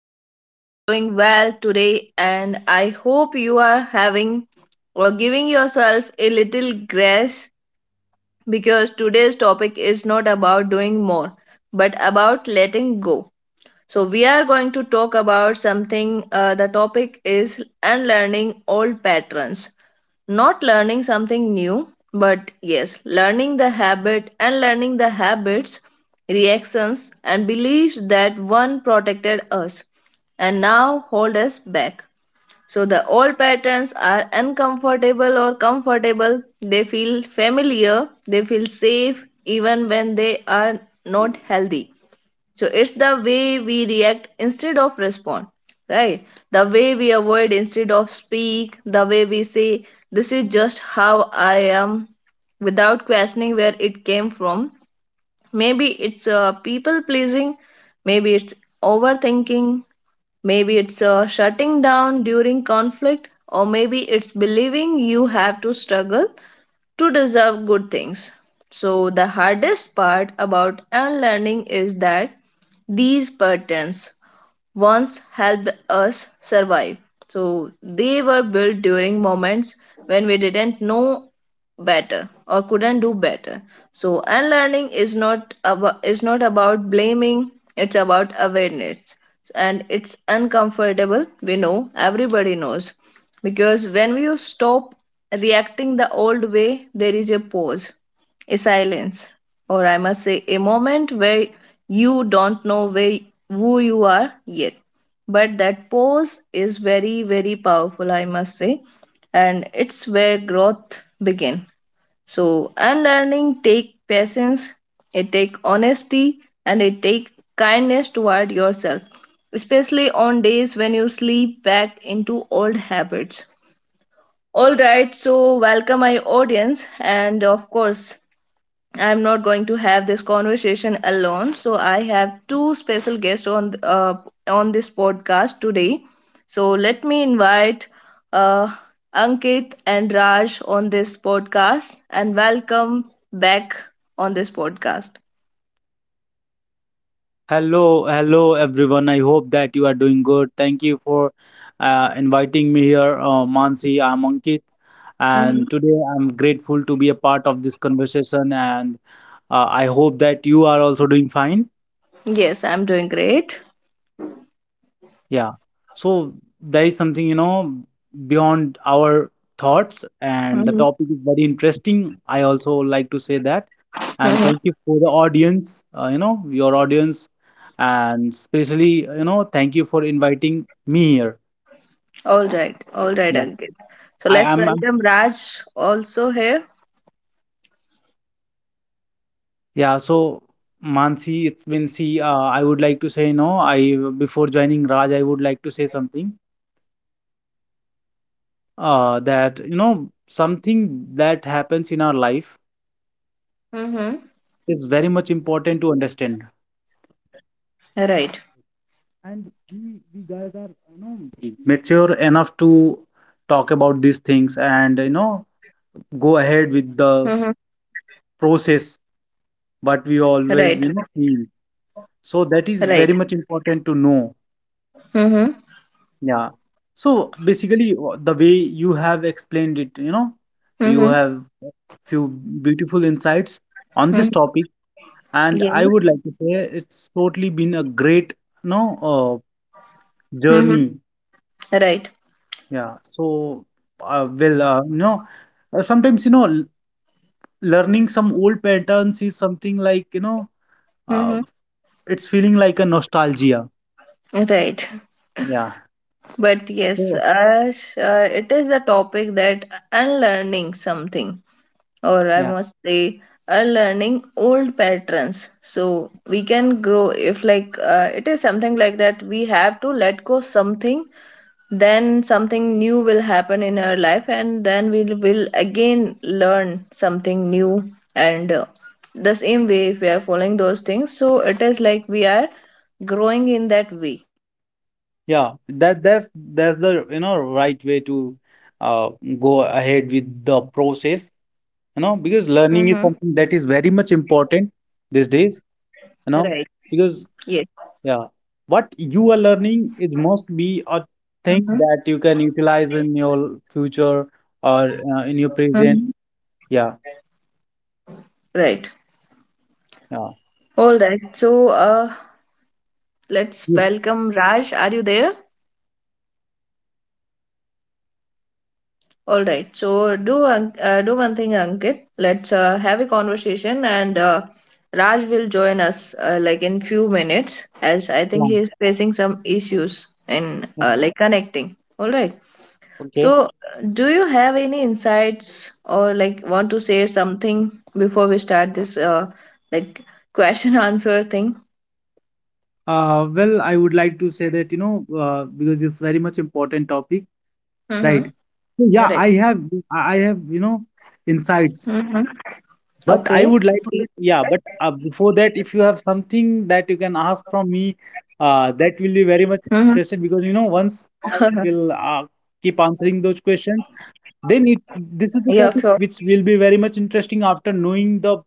hope you are doing well today and I hope you are having or giving yourself a little grace because today's topic is not about doing more but about letting go. So, we are going to talk about something. The topic is unlearning old patterns. Not learning something new, but yes, learning the habit and learning the habits, reactions, and beliefs that one protected us and now hold us back. So, the old patterns are uncomfortable or comfortable. They feel familiar, they feel safe even when they are not healthy. So it's the way we react instead of respond, right? The way we avoid instead of speak, the way we say, this is just how I am without questioning where it came from. Maybe it's people pleasing, maybe it's overthinking, maybe it's shutting down during conflict, or maybe it's believing you have to struggle to deserve good things. So, the hardest part about unlearning is that these patterns once helped us survive. So they were built during moments when we didn't know better or couldn't do better. So unlearning is not about blaming, it's about awareness. And it's uncomfortable, we know, everybody knows. Because when you stop reacting the old way, there is a pause, a silence, or I must say, a moment where you don't know where, who you are yet. But that pause is very, very powerful, I must say, and it's where growth begins. So, unlearning take patience, it take honesty, and it take kindness toward yourself, especially on days when you slip back into old habits. All right, so welcome my audience, and of course, I'm not going to have this conversation alone. So I have two special guests on this podcast today. So let me invite uh, Ankit and Raj on this podcast and welcome back on this podcast. Hello, hello everyone. I hope that you are doing good. Thank you for inviting me here, Mansi. I'm Ankit, and Mhm. today I'm grateful to be a part of this conversation. And I hope that you are also doing fine. Yes, I'm doing great. Yeah. So there is something beyond our thoughts, and the Mhm. topic is very interesting. I also like to say that. And Mhm. thank you for the audience, your audience, and especially, thank you for inviting me here. All right, Yeah. Ankit. So let's I'm, welcome Raj also here. yeah, so Mansi, it's been, see, I would like to say, I, before joining Raj, I would like to say something, that you know something that happens in our life Hmm. is very much important to understand. Right. And we guys are, mature enough to talk about these things and, go Hmm. ahead with the process, what we Right. always, feel. So Right. that is very much important to know. Hmm. Yeah. So basically, the way you have explained it, you Hmm. have few beautiful insights on Hmm. this topic, and I would like to say it's totally been a great, you know uh, Mhm. journey. Right. Yeah. So, well, sometimes, learning some old patterns is something like, uh, Mhm. it's feeling like a nostalgia. Right. Yeah. But yes, So. Ash, it is a topic that unlearning something, or I Yeah, must say, unlearning old patterns. So we can grow if, like, it is something like that. We have to let go something, then something new will happen in our life, and then we will again learn something new. And the same way, if we are following those things, so it is like we are growing in that way. yeah. That's the right way to, uh, go ahead with the process. Mm-hmm. Because learning is something that is very much important these days. Right. You know, Yes. because, yeah, what you are learning, it must Mm-hmm. be a thing that you can utilize in your future, or Mm-hmm. in your present. Yeah, Right. yeah. All right. So, let's Yes, welcome Raj. Are you there? All right. So, do do one thing, Ankit. Let's have a conversation, and Raj will join us like in few minutes, as I think yeah, he is facing some issues in yeah. Like connecting. All right. Okay. So, do you have any insights or like want to say something before we start this like question answer thing? Well, I would like to say that, because it's very much important topic. Mm-hmm. Right. So yeah, Right. I have, Mm-hmm. insights. Okay. But I would like to, yeah, but before that, if you have something that you can ask from me, Mm-hmm. that will be very much interested, because, once I will, keep answering those questions, Yeah, then it sure. this is the topic which will be very much interesting after knowing the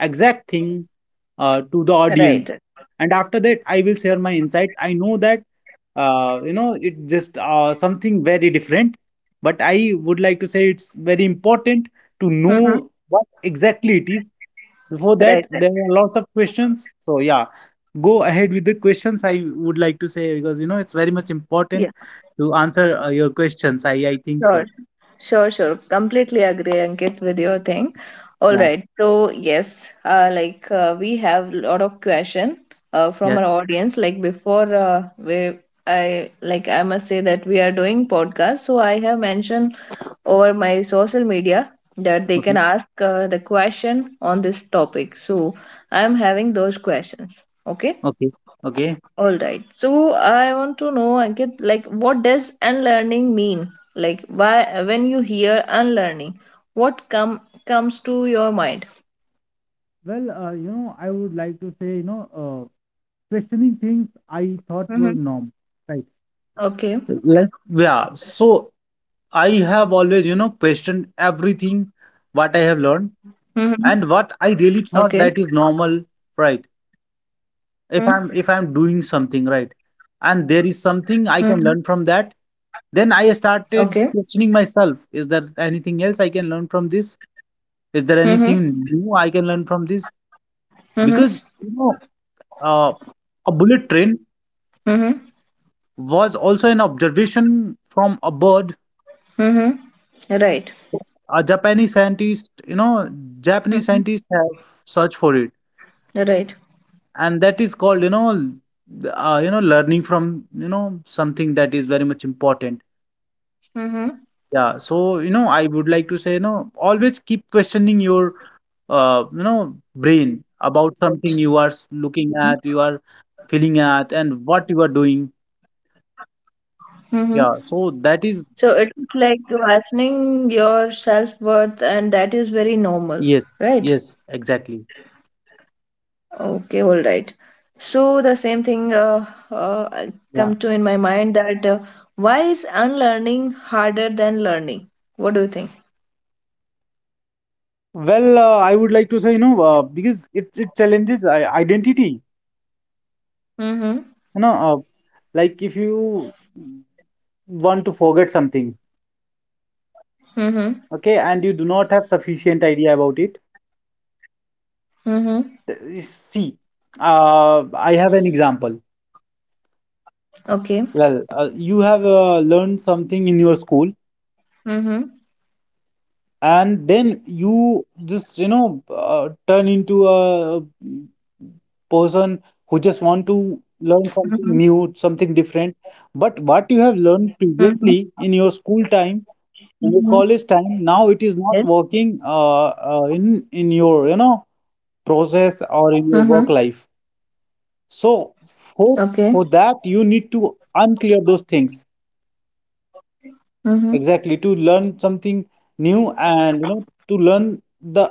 exact thing, Right. to the audience, and after that I will share my insights. I know that, it just, something very different, but I would like to say it's very important to Mm-hmm. know what exactly it is. Before Right. that, Right. there are lots of questions, so yeah, go ahead with the questions, I would like to say, because, it's very much important Yeah, to answer your questions, I think sure. so. Sure, sure. Completely agree, Ankit, with your thing. All Yeah, right. So yes, like we have a lot of question from yeah. our audience. Like before, we I like I must say that we are doing podcast. So I have mentioned over my social media that they can Okay, ask the question on this topic. So I am having those questions. Okay. okay, okay. All right. So I want to know, Ankit, like what does unlearning mean? Like why when you hear unlearning, what comes to your mind? Well, I would like to say, questioning things I thought Mm-hmm. were norm, right? Okay. Like, yeah, so I have always, questioned everything what I have Mm-hmm. learned, and Okay. what I really thought that is normal, right? If I'm doing something right, and there Mm-hmm. is something I can learn from that, then Okay. I started questioning myself. Is there anything else I can learn from this? Is Mm-hmm. there anything new I can learn from this? Mm-hmm. Because, Uh, a bullet train Mm-hmm. was also an observation from a bird. Mm-hmm. Right. A Japanese scientist, Japanese Mm-hmm. scientists have searched for it, Right. and that is called, learning from, something that is very much important. Mm-hmm. Yeah. So, I would like to say, always keep questioning your, brain about something you are looking at, you are feeling at, and what you are doing. Mm-hmm. Yeah. So that is. So it's like questioning your self-worth, and that is very normal, Yes, right? yes, exactly. Okay, all right. So the same thing I Yeah. come to in my mind that why is unlearning harder than learning? What do you think? Well, I would like to say, because it challenges identity. Mm-hmm. You know, uh, like if you want to forget something, Mm-hmm. okay, and you do not have sufficient idea about it. Mm-hmm. See, uh, I have an example. Okay. Well, you have learned something in your school, Mm-hmm. and then you just, turn into a person who just want to Mm-hmm. learn something new, something different. But what you have Mm-hmm. learned previously in your school time, Mm-hmm. in your college time, Yes. now it is not working, in your, process Mm-hmm. or in your work life. So Okay. for that you need to unclear those things Mm-hmm. exactly, to learn something new and, to learn the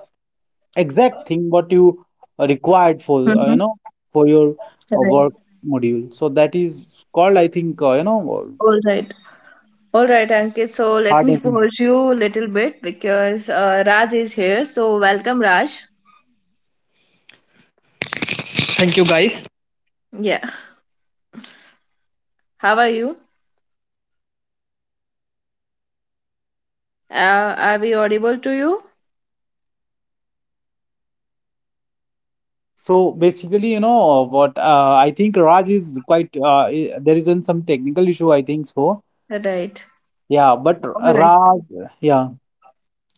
exact thing what you, required for, Mm-hmm. For your, Right. Work module. So that is called, I think, All right. All right, Ankit. So let hard me thing. pause you a little bit because Raj is here. So welcome, Raj. Yeah. How are you? Are we audible to you? So basically, what, I think Raj is quite, there isn't some technical issue, I think so. Right. Yeah, but All right. Raj, yeah.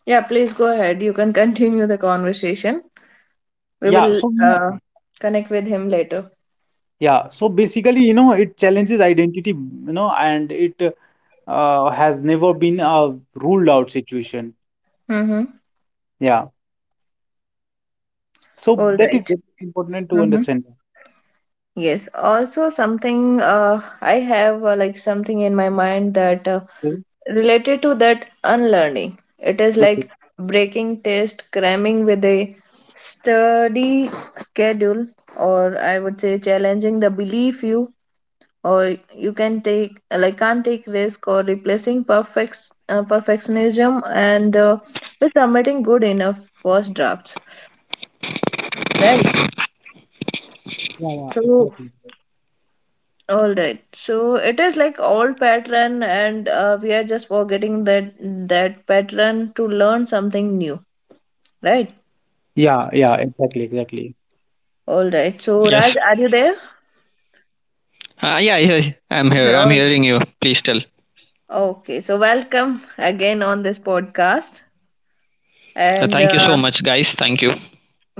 Yeah, please go ahead. You can continue the conversation. We Yeah, will so, connect with him later. yeah, so basically, it challenges identity, and it, has never been a ruled out situation. Mm-hmm. Yeah. So All that is right. very important to Mm-hmm. understand. Yes. Also, something I have like something in my mind that related to that unlearning. It is like Okay. breaking test, cramming with a sturdy schedule, or I would say challenging the belief you or you can take like can't take risk or replacing perfectionism and with submitting good enough first drafts, right? Yeah, yeah, So, exactly. all right, so it is like old pattern and we are just forgetting that pattern to learn something new, right? Yeah, yeah, exactly, exactly. All right, so Yes. Raj, are you there? Yeah, I'm here. I'm All right. hearing you. Please tell. Okay, so welcome again on this podcast. And Thank you so much, guys. Thank you.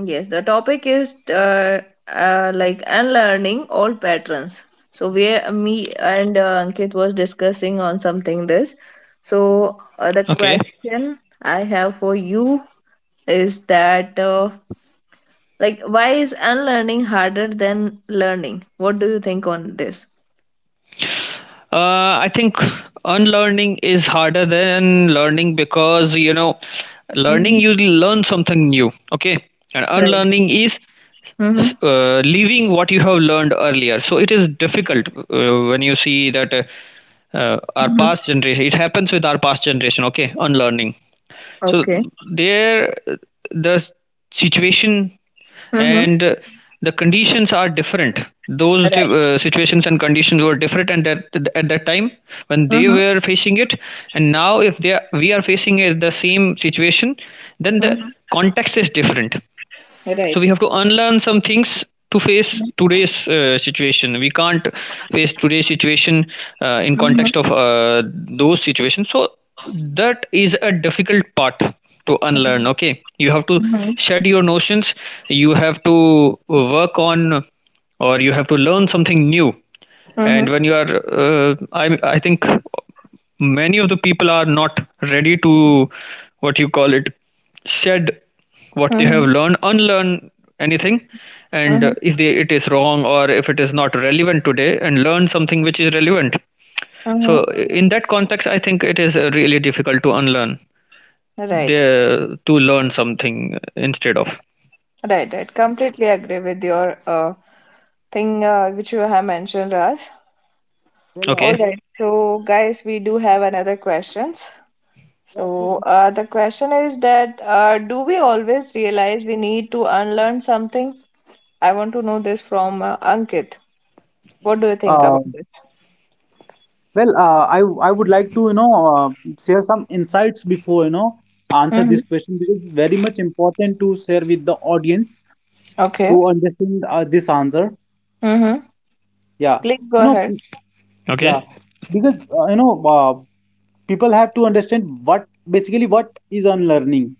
yes, the topic is like unlearning old patterns. So we, me and Ankit was discussing on something this. So the Okay. question I have for you is that like why is unlearning harder than learning? What do you think on this? I think unlearning is harder than learning because, you know, Hmm. learning, you learn something new. Okay. And Right. unlearning is Mm-hmm. Leaving what you have learned earlier. So it is difficult when you see that our past Hmm. generation, it happens with our past generation, okay, unlearning. So Okay. there uh, the situation Mm-hmm. and the conditions are different. Those Right. Situations and conditions were different, and that at that time when they Mm-hmm. were facing it, and now if we are facing it, the same situation, then the Mm-hmm. context is different. So we Right. have to unlearn some things to face today's situation. We can't face today's situation in Mm-hmm. context of those situations. So that is a difficult part to Right. unlearn. Okay, you have to Mm-hmm. shed your notions. You have to work on, or you have to learn something new, and Mm-hmm. when you are I think many of the people are not ready to, what you call it, shed what they have learned, unlearn anything, and Mm-hmm. if they, it is wrong or if it is not relevant today, and learn something which is relevant. Hmm. So in that context, I think it is really difficult to unlearn, Right. the to learn something instead of. Right, right. Completely agree with your thing which you have mentioned, Raj. Well, All Okay. I, right. So, guys, we do have another questions. yeah, so So, the question is that do we always realize we need to unlearn something? I want to know this from Ankit. What do you Uh, think about this? well, I would like to, share some insights before, answer Mm-hmm. this question, because it's very much important to share with the audience Okay. to understand, this answer. Mm-hmm. Yeah, Please go you know, ahead. p- yeah, Okay. because, uh, people have to understand, what basically what is unlearning.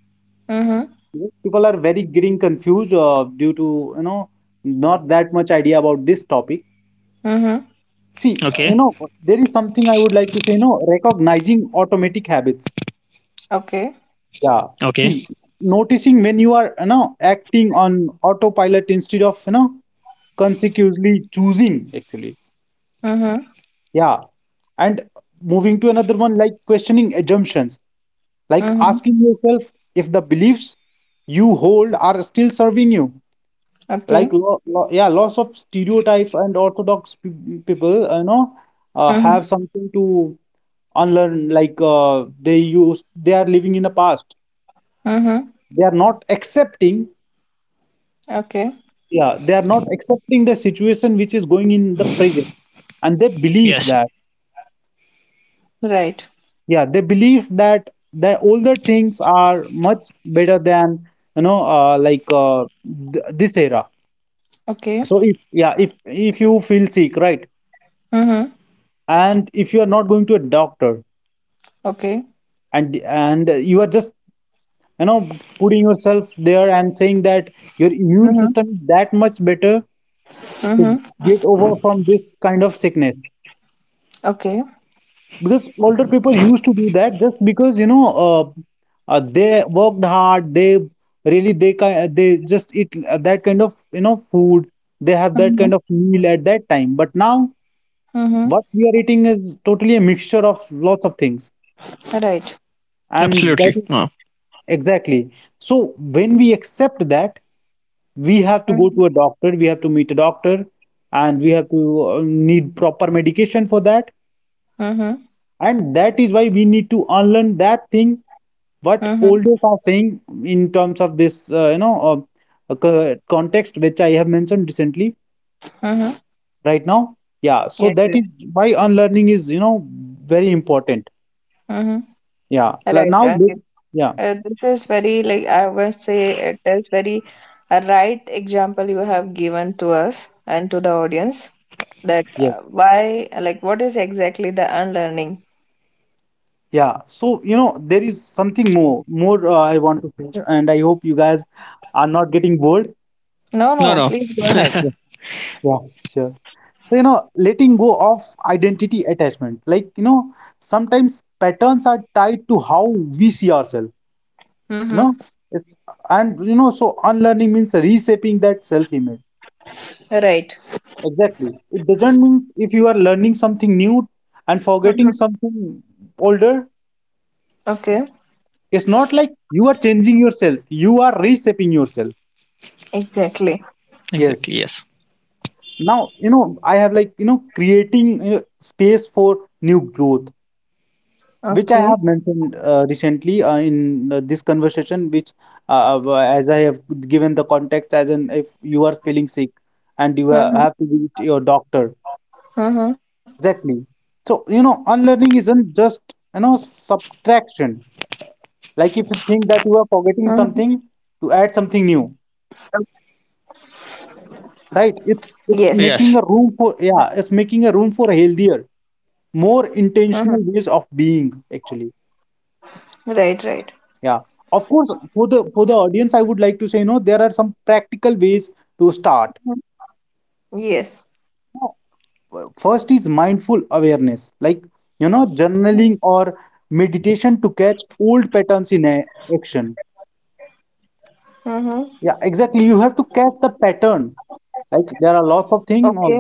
Mm-hmm. Because people are very getting confused, due to, you know not that much idea about this topic. Mm-hmm. See, Okay. There is something I would like to say, recognizing automatic habits. Okay. Yeah. Okay. See, noticing when you are, acting on autopilot instead of, consecutively choosing, actually. Mm-hmm. Yeah. And moving to another one, like questioning assumptions, like Mm-hmm. asking yourself if the beliefs you hold are still serving you. Okay. Like, lo lo yeah, lots of stereotypes and orthodox pe people, Mm-hmm. have something to unlearn, like they are living in the past. Mm-hmm. They are not accepting. Okay. Yeah, they are not accepting the situation which is going in the present, and they believe Yes. that. Right. Yeah, they believe that that older things are much better than, like, this era. Okay. So, if yeah, if you feel sick, right? Mm-hmm. And if you are not going to a doctor, Okay. and and you are just, you know putting yourself there and saying that your immune Mhm. system is that much better Mhm. to get over from this kind of sickness, Okay. because older people used to do that, just because, they worked hard, they really they ki- they just eat, that kind of, food. They have that Mhm. kind of meal at that time, but now Mhm. what we are eating is totally a mixture of lots of things, Right. and that Absolutely. is No, exactly. So when we accept that we have to go Mhm. to a doctor, we have to meet a doctor, and we have to, need proper medication for that, Mhm. and that is why we need to unlearn that thing, what Mhm. olders are saying in terms of this, context, which I have mentioned recently, Mhm. right now. Yeah. So Yes. that Yes. is why unlearning is, very important. Mhm. Yeah. L- Right. now look. Okay. Yeah, This is very like I would say it is very a right example you have given to us and to the audience that yeah, why like what is exactly the unlearning? yeah so, there is something more I want to say, and I hope you guys are not getting bored. No, no, no. no. Please go ahead. Yeah, sure. So, letting go of identity attachment. Like, sometimes patterns are tied to how we see ourselves, you Mhm. know. It's, and, you know, so unlearning means reshaping that self-image. Right. Exactly. It doesn't mean if you are learning something new and forgetting Mhm. something older, Okay. it's not like you are changing yourself, you are reshaping yourself. Exactly. Exactly. Yes. Yes. Now, I have, like, creating, space for new growth, which I Okay. have mentioned, recently, in, this conversation, which, as I have given the context, as in if you are feeling sick and you Mhm. have to visit your doctor. Mhm. Exactly. So, unlearning isn't just, subtraction. Like if you Mhm. think that you are forgetting something to add something new, right? Yes. It's making Yes. a room for, yeah, it's making a room for healthier, more Mhm. intentional ways of being, actually. Right, right. Yeah, of course, for the audience, I would like to say, there are some practical ways to start. Mhm. Yes. First is mindful awareness, like, journaling or meditation to catch old patterns in action. Mm-hmm. Yeah, exactly. You have to catch the pattern. Like there are Okay. lots of things.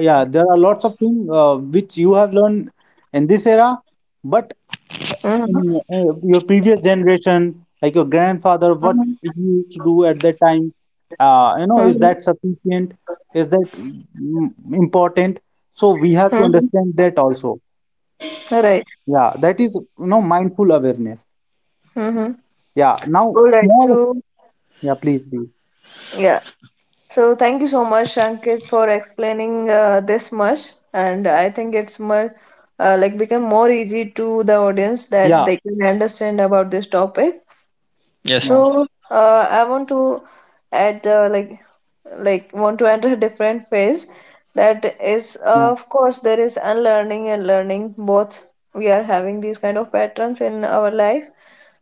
Yeah, there are lots of things, which you have learned in this era, but Mm-hmm. in, your previous generation, like your Mm-hmm. grandfather, what he used to do at that time, Mm-hmm. Is that sufficient? Is that important? So we have Mm-hmm. to understand that also. Right. Yeah, that is, mindful awareness. Mm-hmm. Yeah. Now, All right. small. So, Yeah, please, please. yeah. So, thank you so much, Ankit, for explaining this much. And I think it's more like become more easy to the audience Yeah, that they can understand about this topic. Yes. yeah, So I want to add like want to enter a different phase that is yeah, of course there is unlearning and learning both we are having these kind of patterns in our life,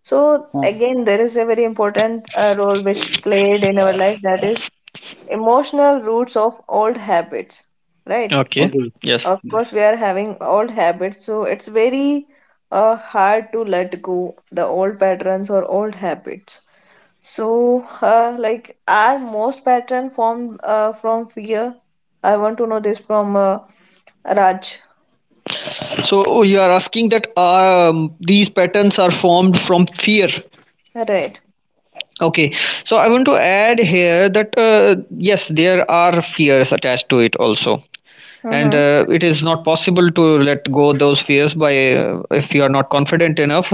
so yeah. again there is a very important role which played in our life that is emotional roots of old habits, right? Okay. Okay. Yes. Of Yeah. course we are having old habits, so it's very hard to let go the old patterns or old habits. So, like, are most pattern formed from fear? I want to know this from Raj. So oh, you are asking that these patterns are formed from fear. Right. Okay, so I want to add here that yes, there are fears attached to it also, and Mm-hmm. It is not possible to let go those fears by if you are not confident enough.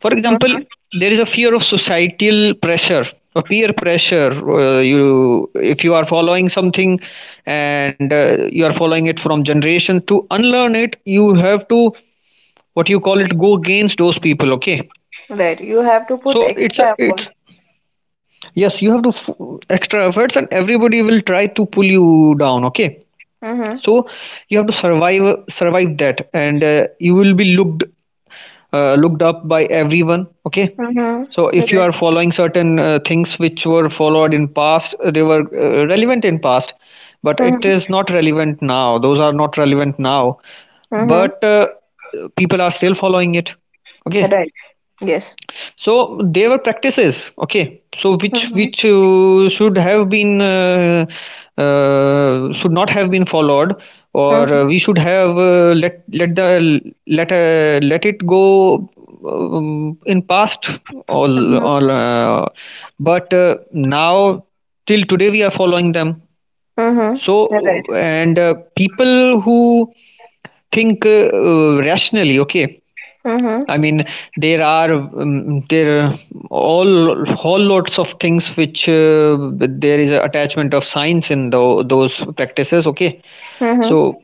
For example, Mm-hmm. there is a fear of societal pressure or peer pressure. You, if you are following something, and you are following it from generation, to unlearn it, you have to, what you call it, go against those people. Okay, Right. You have to put so it's a extra it's effort. yes, you have to extra efforts, and everybody will try to pull you down. Okay, Mm-hmm. so you have to survive that, and you will be looked looked up by everyone. Okay, Mm-hmm. so if you Right. are following certain things which were followed in past, they were relevant in past, but it is Mm-hmm. not relevant now. Those are not relevant now, Mm-hmm. but people are still following it. Okay, Right. Yes. so there were practices. Okay, so which Mm-hmm. Should have been should not have been followed, or Mm-hmm. We should have let let the let let it go in past, all but now, till today, we are following them. Mm-hmm. So Right. and people who think rationally, okay, Mm-hmm. I mean, there are all whole lots of things which there is a attachment of science in those practices. Okay, Mm-hmm. so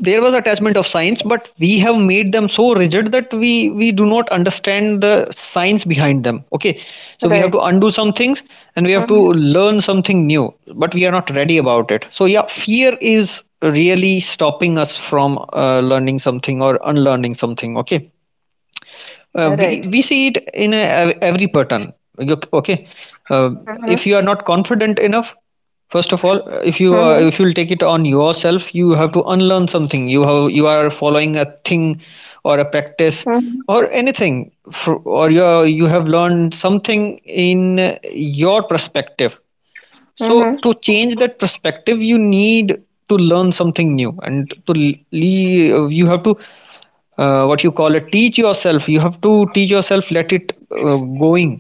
there was attachment of science, but we have made them so rigid that we do not understand the science behind them. Okay, so we have Right. to undo some things, and we have to Mm-hmm. learn something new, but we are not ready about it. So yeah, fear is really stopping us from learning something or unlearning something. Okay, Right. we see it in every pattern. Okay, Mm-hmm. uh, if you are not confident enough, first Mm-hmm. of all, if you'll take it on yourself, you have to unlearn something. You are following a thing, or a Mm-hmm. practice, or anything, or you have learned something in your perspective. So Mm-hmm. to change that perspective, you need to learn something new, and to you have to, what you call it, teach yourself. You have to teach yourself, let it going,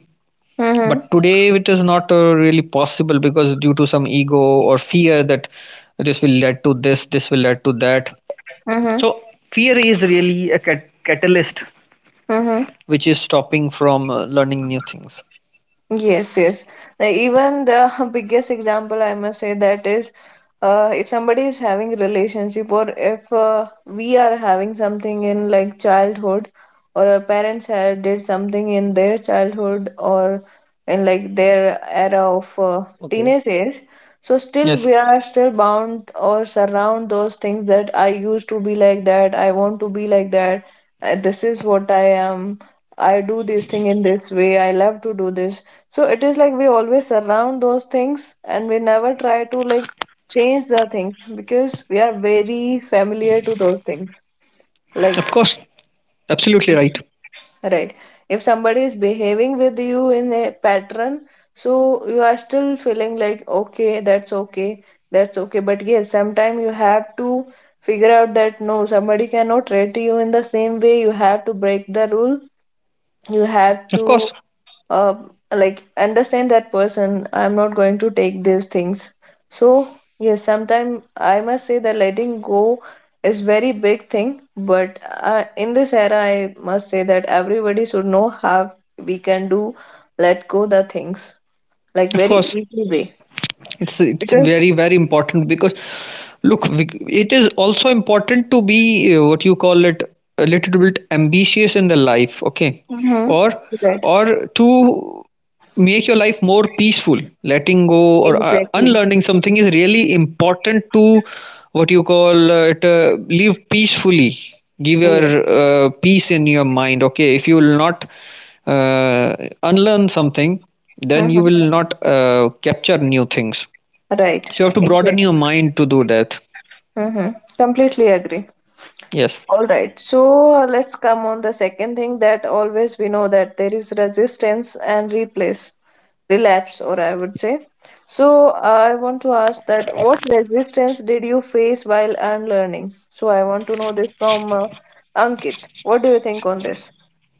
Mm-hmm. but today it is not really possible because due to some ego or fear that this will lead to this, this will lead to that. Mm-hmm. So fear is really a catalyst Mm-hmm. which is stopping from learning new things. Yes, yes. Now, even the biggest example I must say that is if somebody is having relationship or if we are having something in like childhood or our parents had did something in their childhood or in like their era of Okay. teenage age, so still Yes. we are still bound or surround those things that I used to be like that, I want to be like that, this is what I am, I do this thing in this way, I love to do this. So it is like we always surround those things and we never try to like change the things because we are very familiar to those things. Like Of course. Absolutely right. Right. If somebody is behaving with you in a pattern, so you are still feeling like, okay, that's okay, that's okay. But yes, sometimes you have to figure out that no, somebody cannot treat you in the same way. You have to break the rule. You have Of to course. uh, like understand that person, I'm not going to take these things. So yes, sometimes I must say that letting go is very big thing, but in this era I must say that everybody should know how we can do let go the things, like Of very course, easy way it's because very very important because look it is also important to be what you call it, a little bit ambitious in the life. Okay, hmm or right or to make your life more peaceful. Letting go or exactly unlearning something is really important to, what you call it, live peacefully, give your yeah peace in your mind. Okay, if you will not uh, unlearn something, then you hmm will not capture new things. right So you have to broaden your exactly mind to do that. hmm completely agree. Yes. All right, so let's come on the second thing that always we know that there is resistance and replace, relapse, or I would say. So I want to ask that what resistance did you face while unlearning? So I want to know this from Ankit. What do you think on this?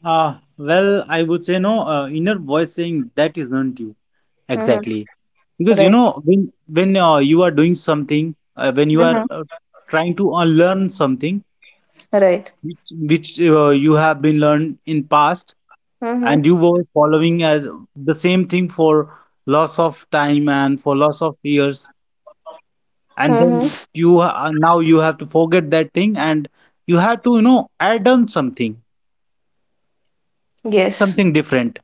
Well, I would say no, inner voice saying that is not you. Mm-hmm. Exactly. Because, Right. When you are doing something, when you are, Mm-hmm. Trying to unlearn something, Right. which which you have been learned in past, Mm-hmm. and you were following as the same thing for loss of time and for loss of years, Mm-hmm. and then now you have to forget that thing, and you have to, add on something, Yes. something different.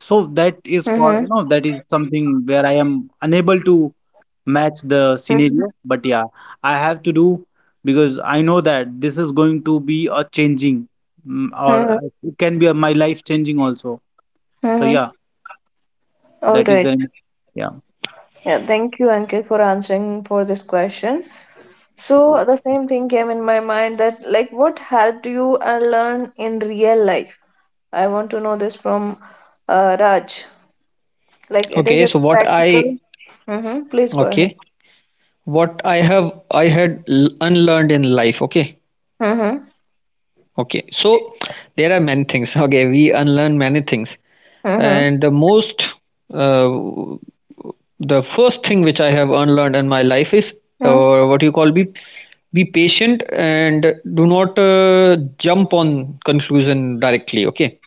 So, that is called, you know, that is something where I am unable to match the Mm-hmm. scenario. But yeah, I have to do, because I know that this is going to be a changing, Mm-hmm. or it can be my life changing also. So Mm-hmm. yeah, All that is right. very, yeah. Yeah, thank you, Ankit, for answering for this question. So the same thing came in my mind that like what helped you learn in real life? I want to know this from Raj. Like it is Okay. a So what practical. I, Mm-hmm. Please go ahead. okay, what I have, I had unlearned in life. Okay. Mm-hmm. Okay. So there are many things. Okay. We unlearn many things, Mm-hmm. and the most uh, the first thing which I have unlearned in my life is, Mm. What you call, be patient and do not jump on conclusion directly. Okay,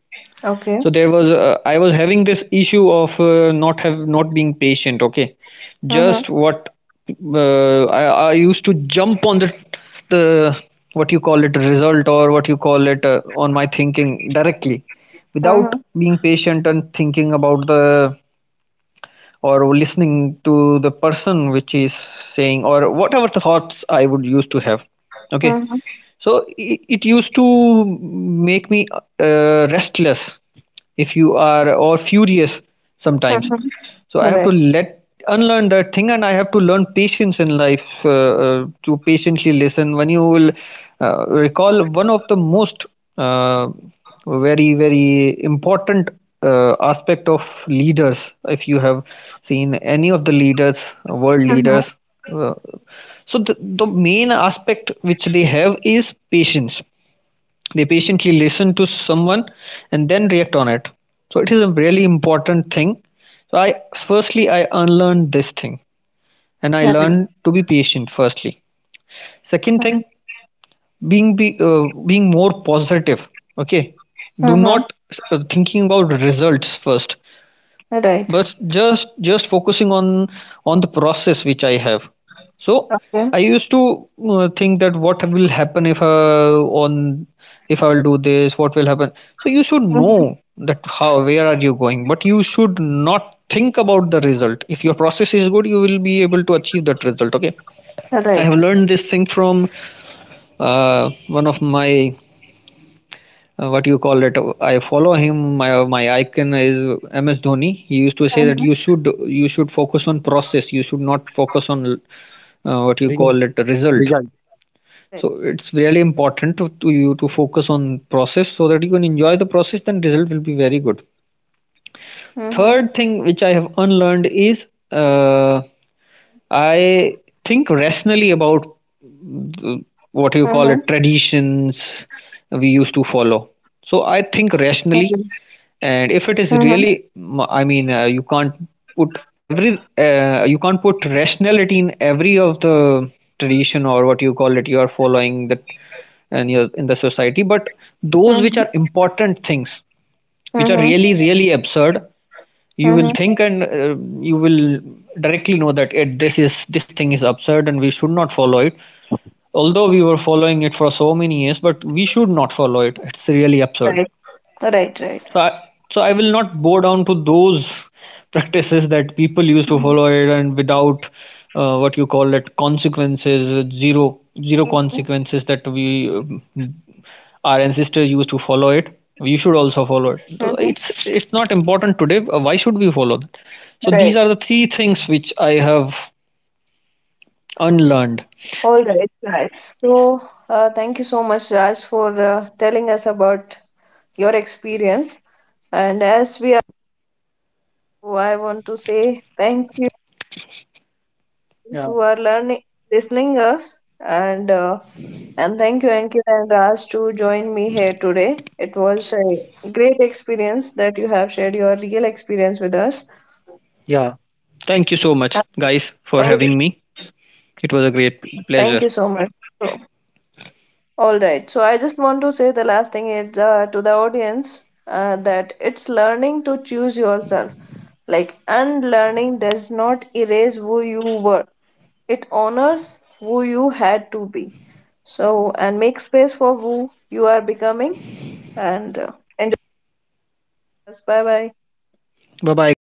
Okay. so there was, I was having this issue of not have, not being patient. Okay, Mm-hmm. just what, I used to jump on the what you call it, result, or what you call it, on my thinking directly without Mm-hmm. being patient and thinking about the, or listening to the person which is saying, or whatever the thoughts I would used to have. Okay, Mm-hmm. so it used to make me restless, if you are or furious sometimes. Mm-hmm. So I have Right. to let unlearn that thing, and I have to learn patience in life, to patiently listen. When you will recall one of the most uh, very very important aspect of leaders, if you have seen any of the leaders, world Mm-hmm. leaders, uh, so the main aspect which they have is patience. They patiently listen to someone and then react on it. So it is a really important thing. So I firstly I unlearned this thing, and I Right. learned to be patient firstly. Second thing, Mm-hmm. being be uh, being more positive. Okay, do Mm-hmm. not thinking about results first, Right. but just focusing on the process which I have. So Okay. I used to think that what will happen if on if I will do this, what will happen. So you should Mm-hmm. know that how, where are you going, but you should not think about the result. If your process is good, you will be able to achieve that result. Okay, I have Right. learned this thing from one of my, what you call it, I follow him, my icon is MS Dhoni. He used to say that Mm-hmm. You should focus on process. You should not focus on, what you Result. call it, result. Result. So Right. it's really important to you, to focus on process so that you can enjoy the process, then result will be very good. Mm-hmm. Third thing which I have unlearned is, uh, I think rationally about, Mm-hmm. what you call it, traditions we used to follow. So I think Right. rationally, and if it is Mm-hmm. really, I mean, you can't put every, you can't put rationality in every of the tradition, or what you call it, you are following that and you're in the society. But those which are Mm-hmm. important things, which are really Mm-hmm. really absurd, you will think, and Mm-hmm. You will directly know that this is, this thing is absurd, and we should not follow it. Although we were following it for so many years, but we should not follow it. It's really absurd. Right. So Right. so Right. I will not bow down to those practices that people used to follow it, and Mm-hmm. without, what you call it, consequences, zero Mm-hmm. consequences, that we, our ancestors used to follow it, we should also follow it. So Hmm. it's not important today, why should we follow that? So these Right. are the three things which I have unlearned. All right, right. So, thank you so much, Raj, for telling us about your experience. And as we I want to say thank you Yeah. who are learning, listening us, and thank you, Ankit and Raj, to join me here today. It was a great experience that you have shared your real experience with us. Thank you so much, And guys, for all- having right. me. It was a great pleasure. Thank you so much. All right. So I just want to say the last thing is to the audience that it's learning to choose yourself. Like unlearning does not erase who you were. It honors who you had to be. So and make space for who you are becoming. And uh, and bye bye. Bye bye, guys.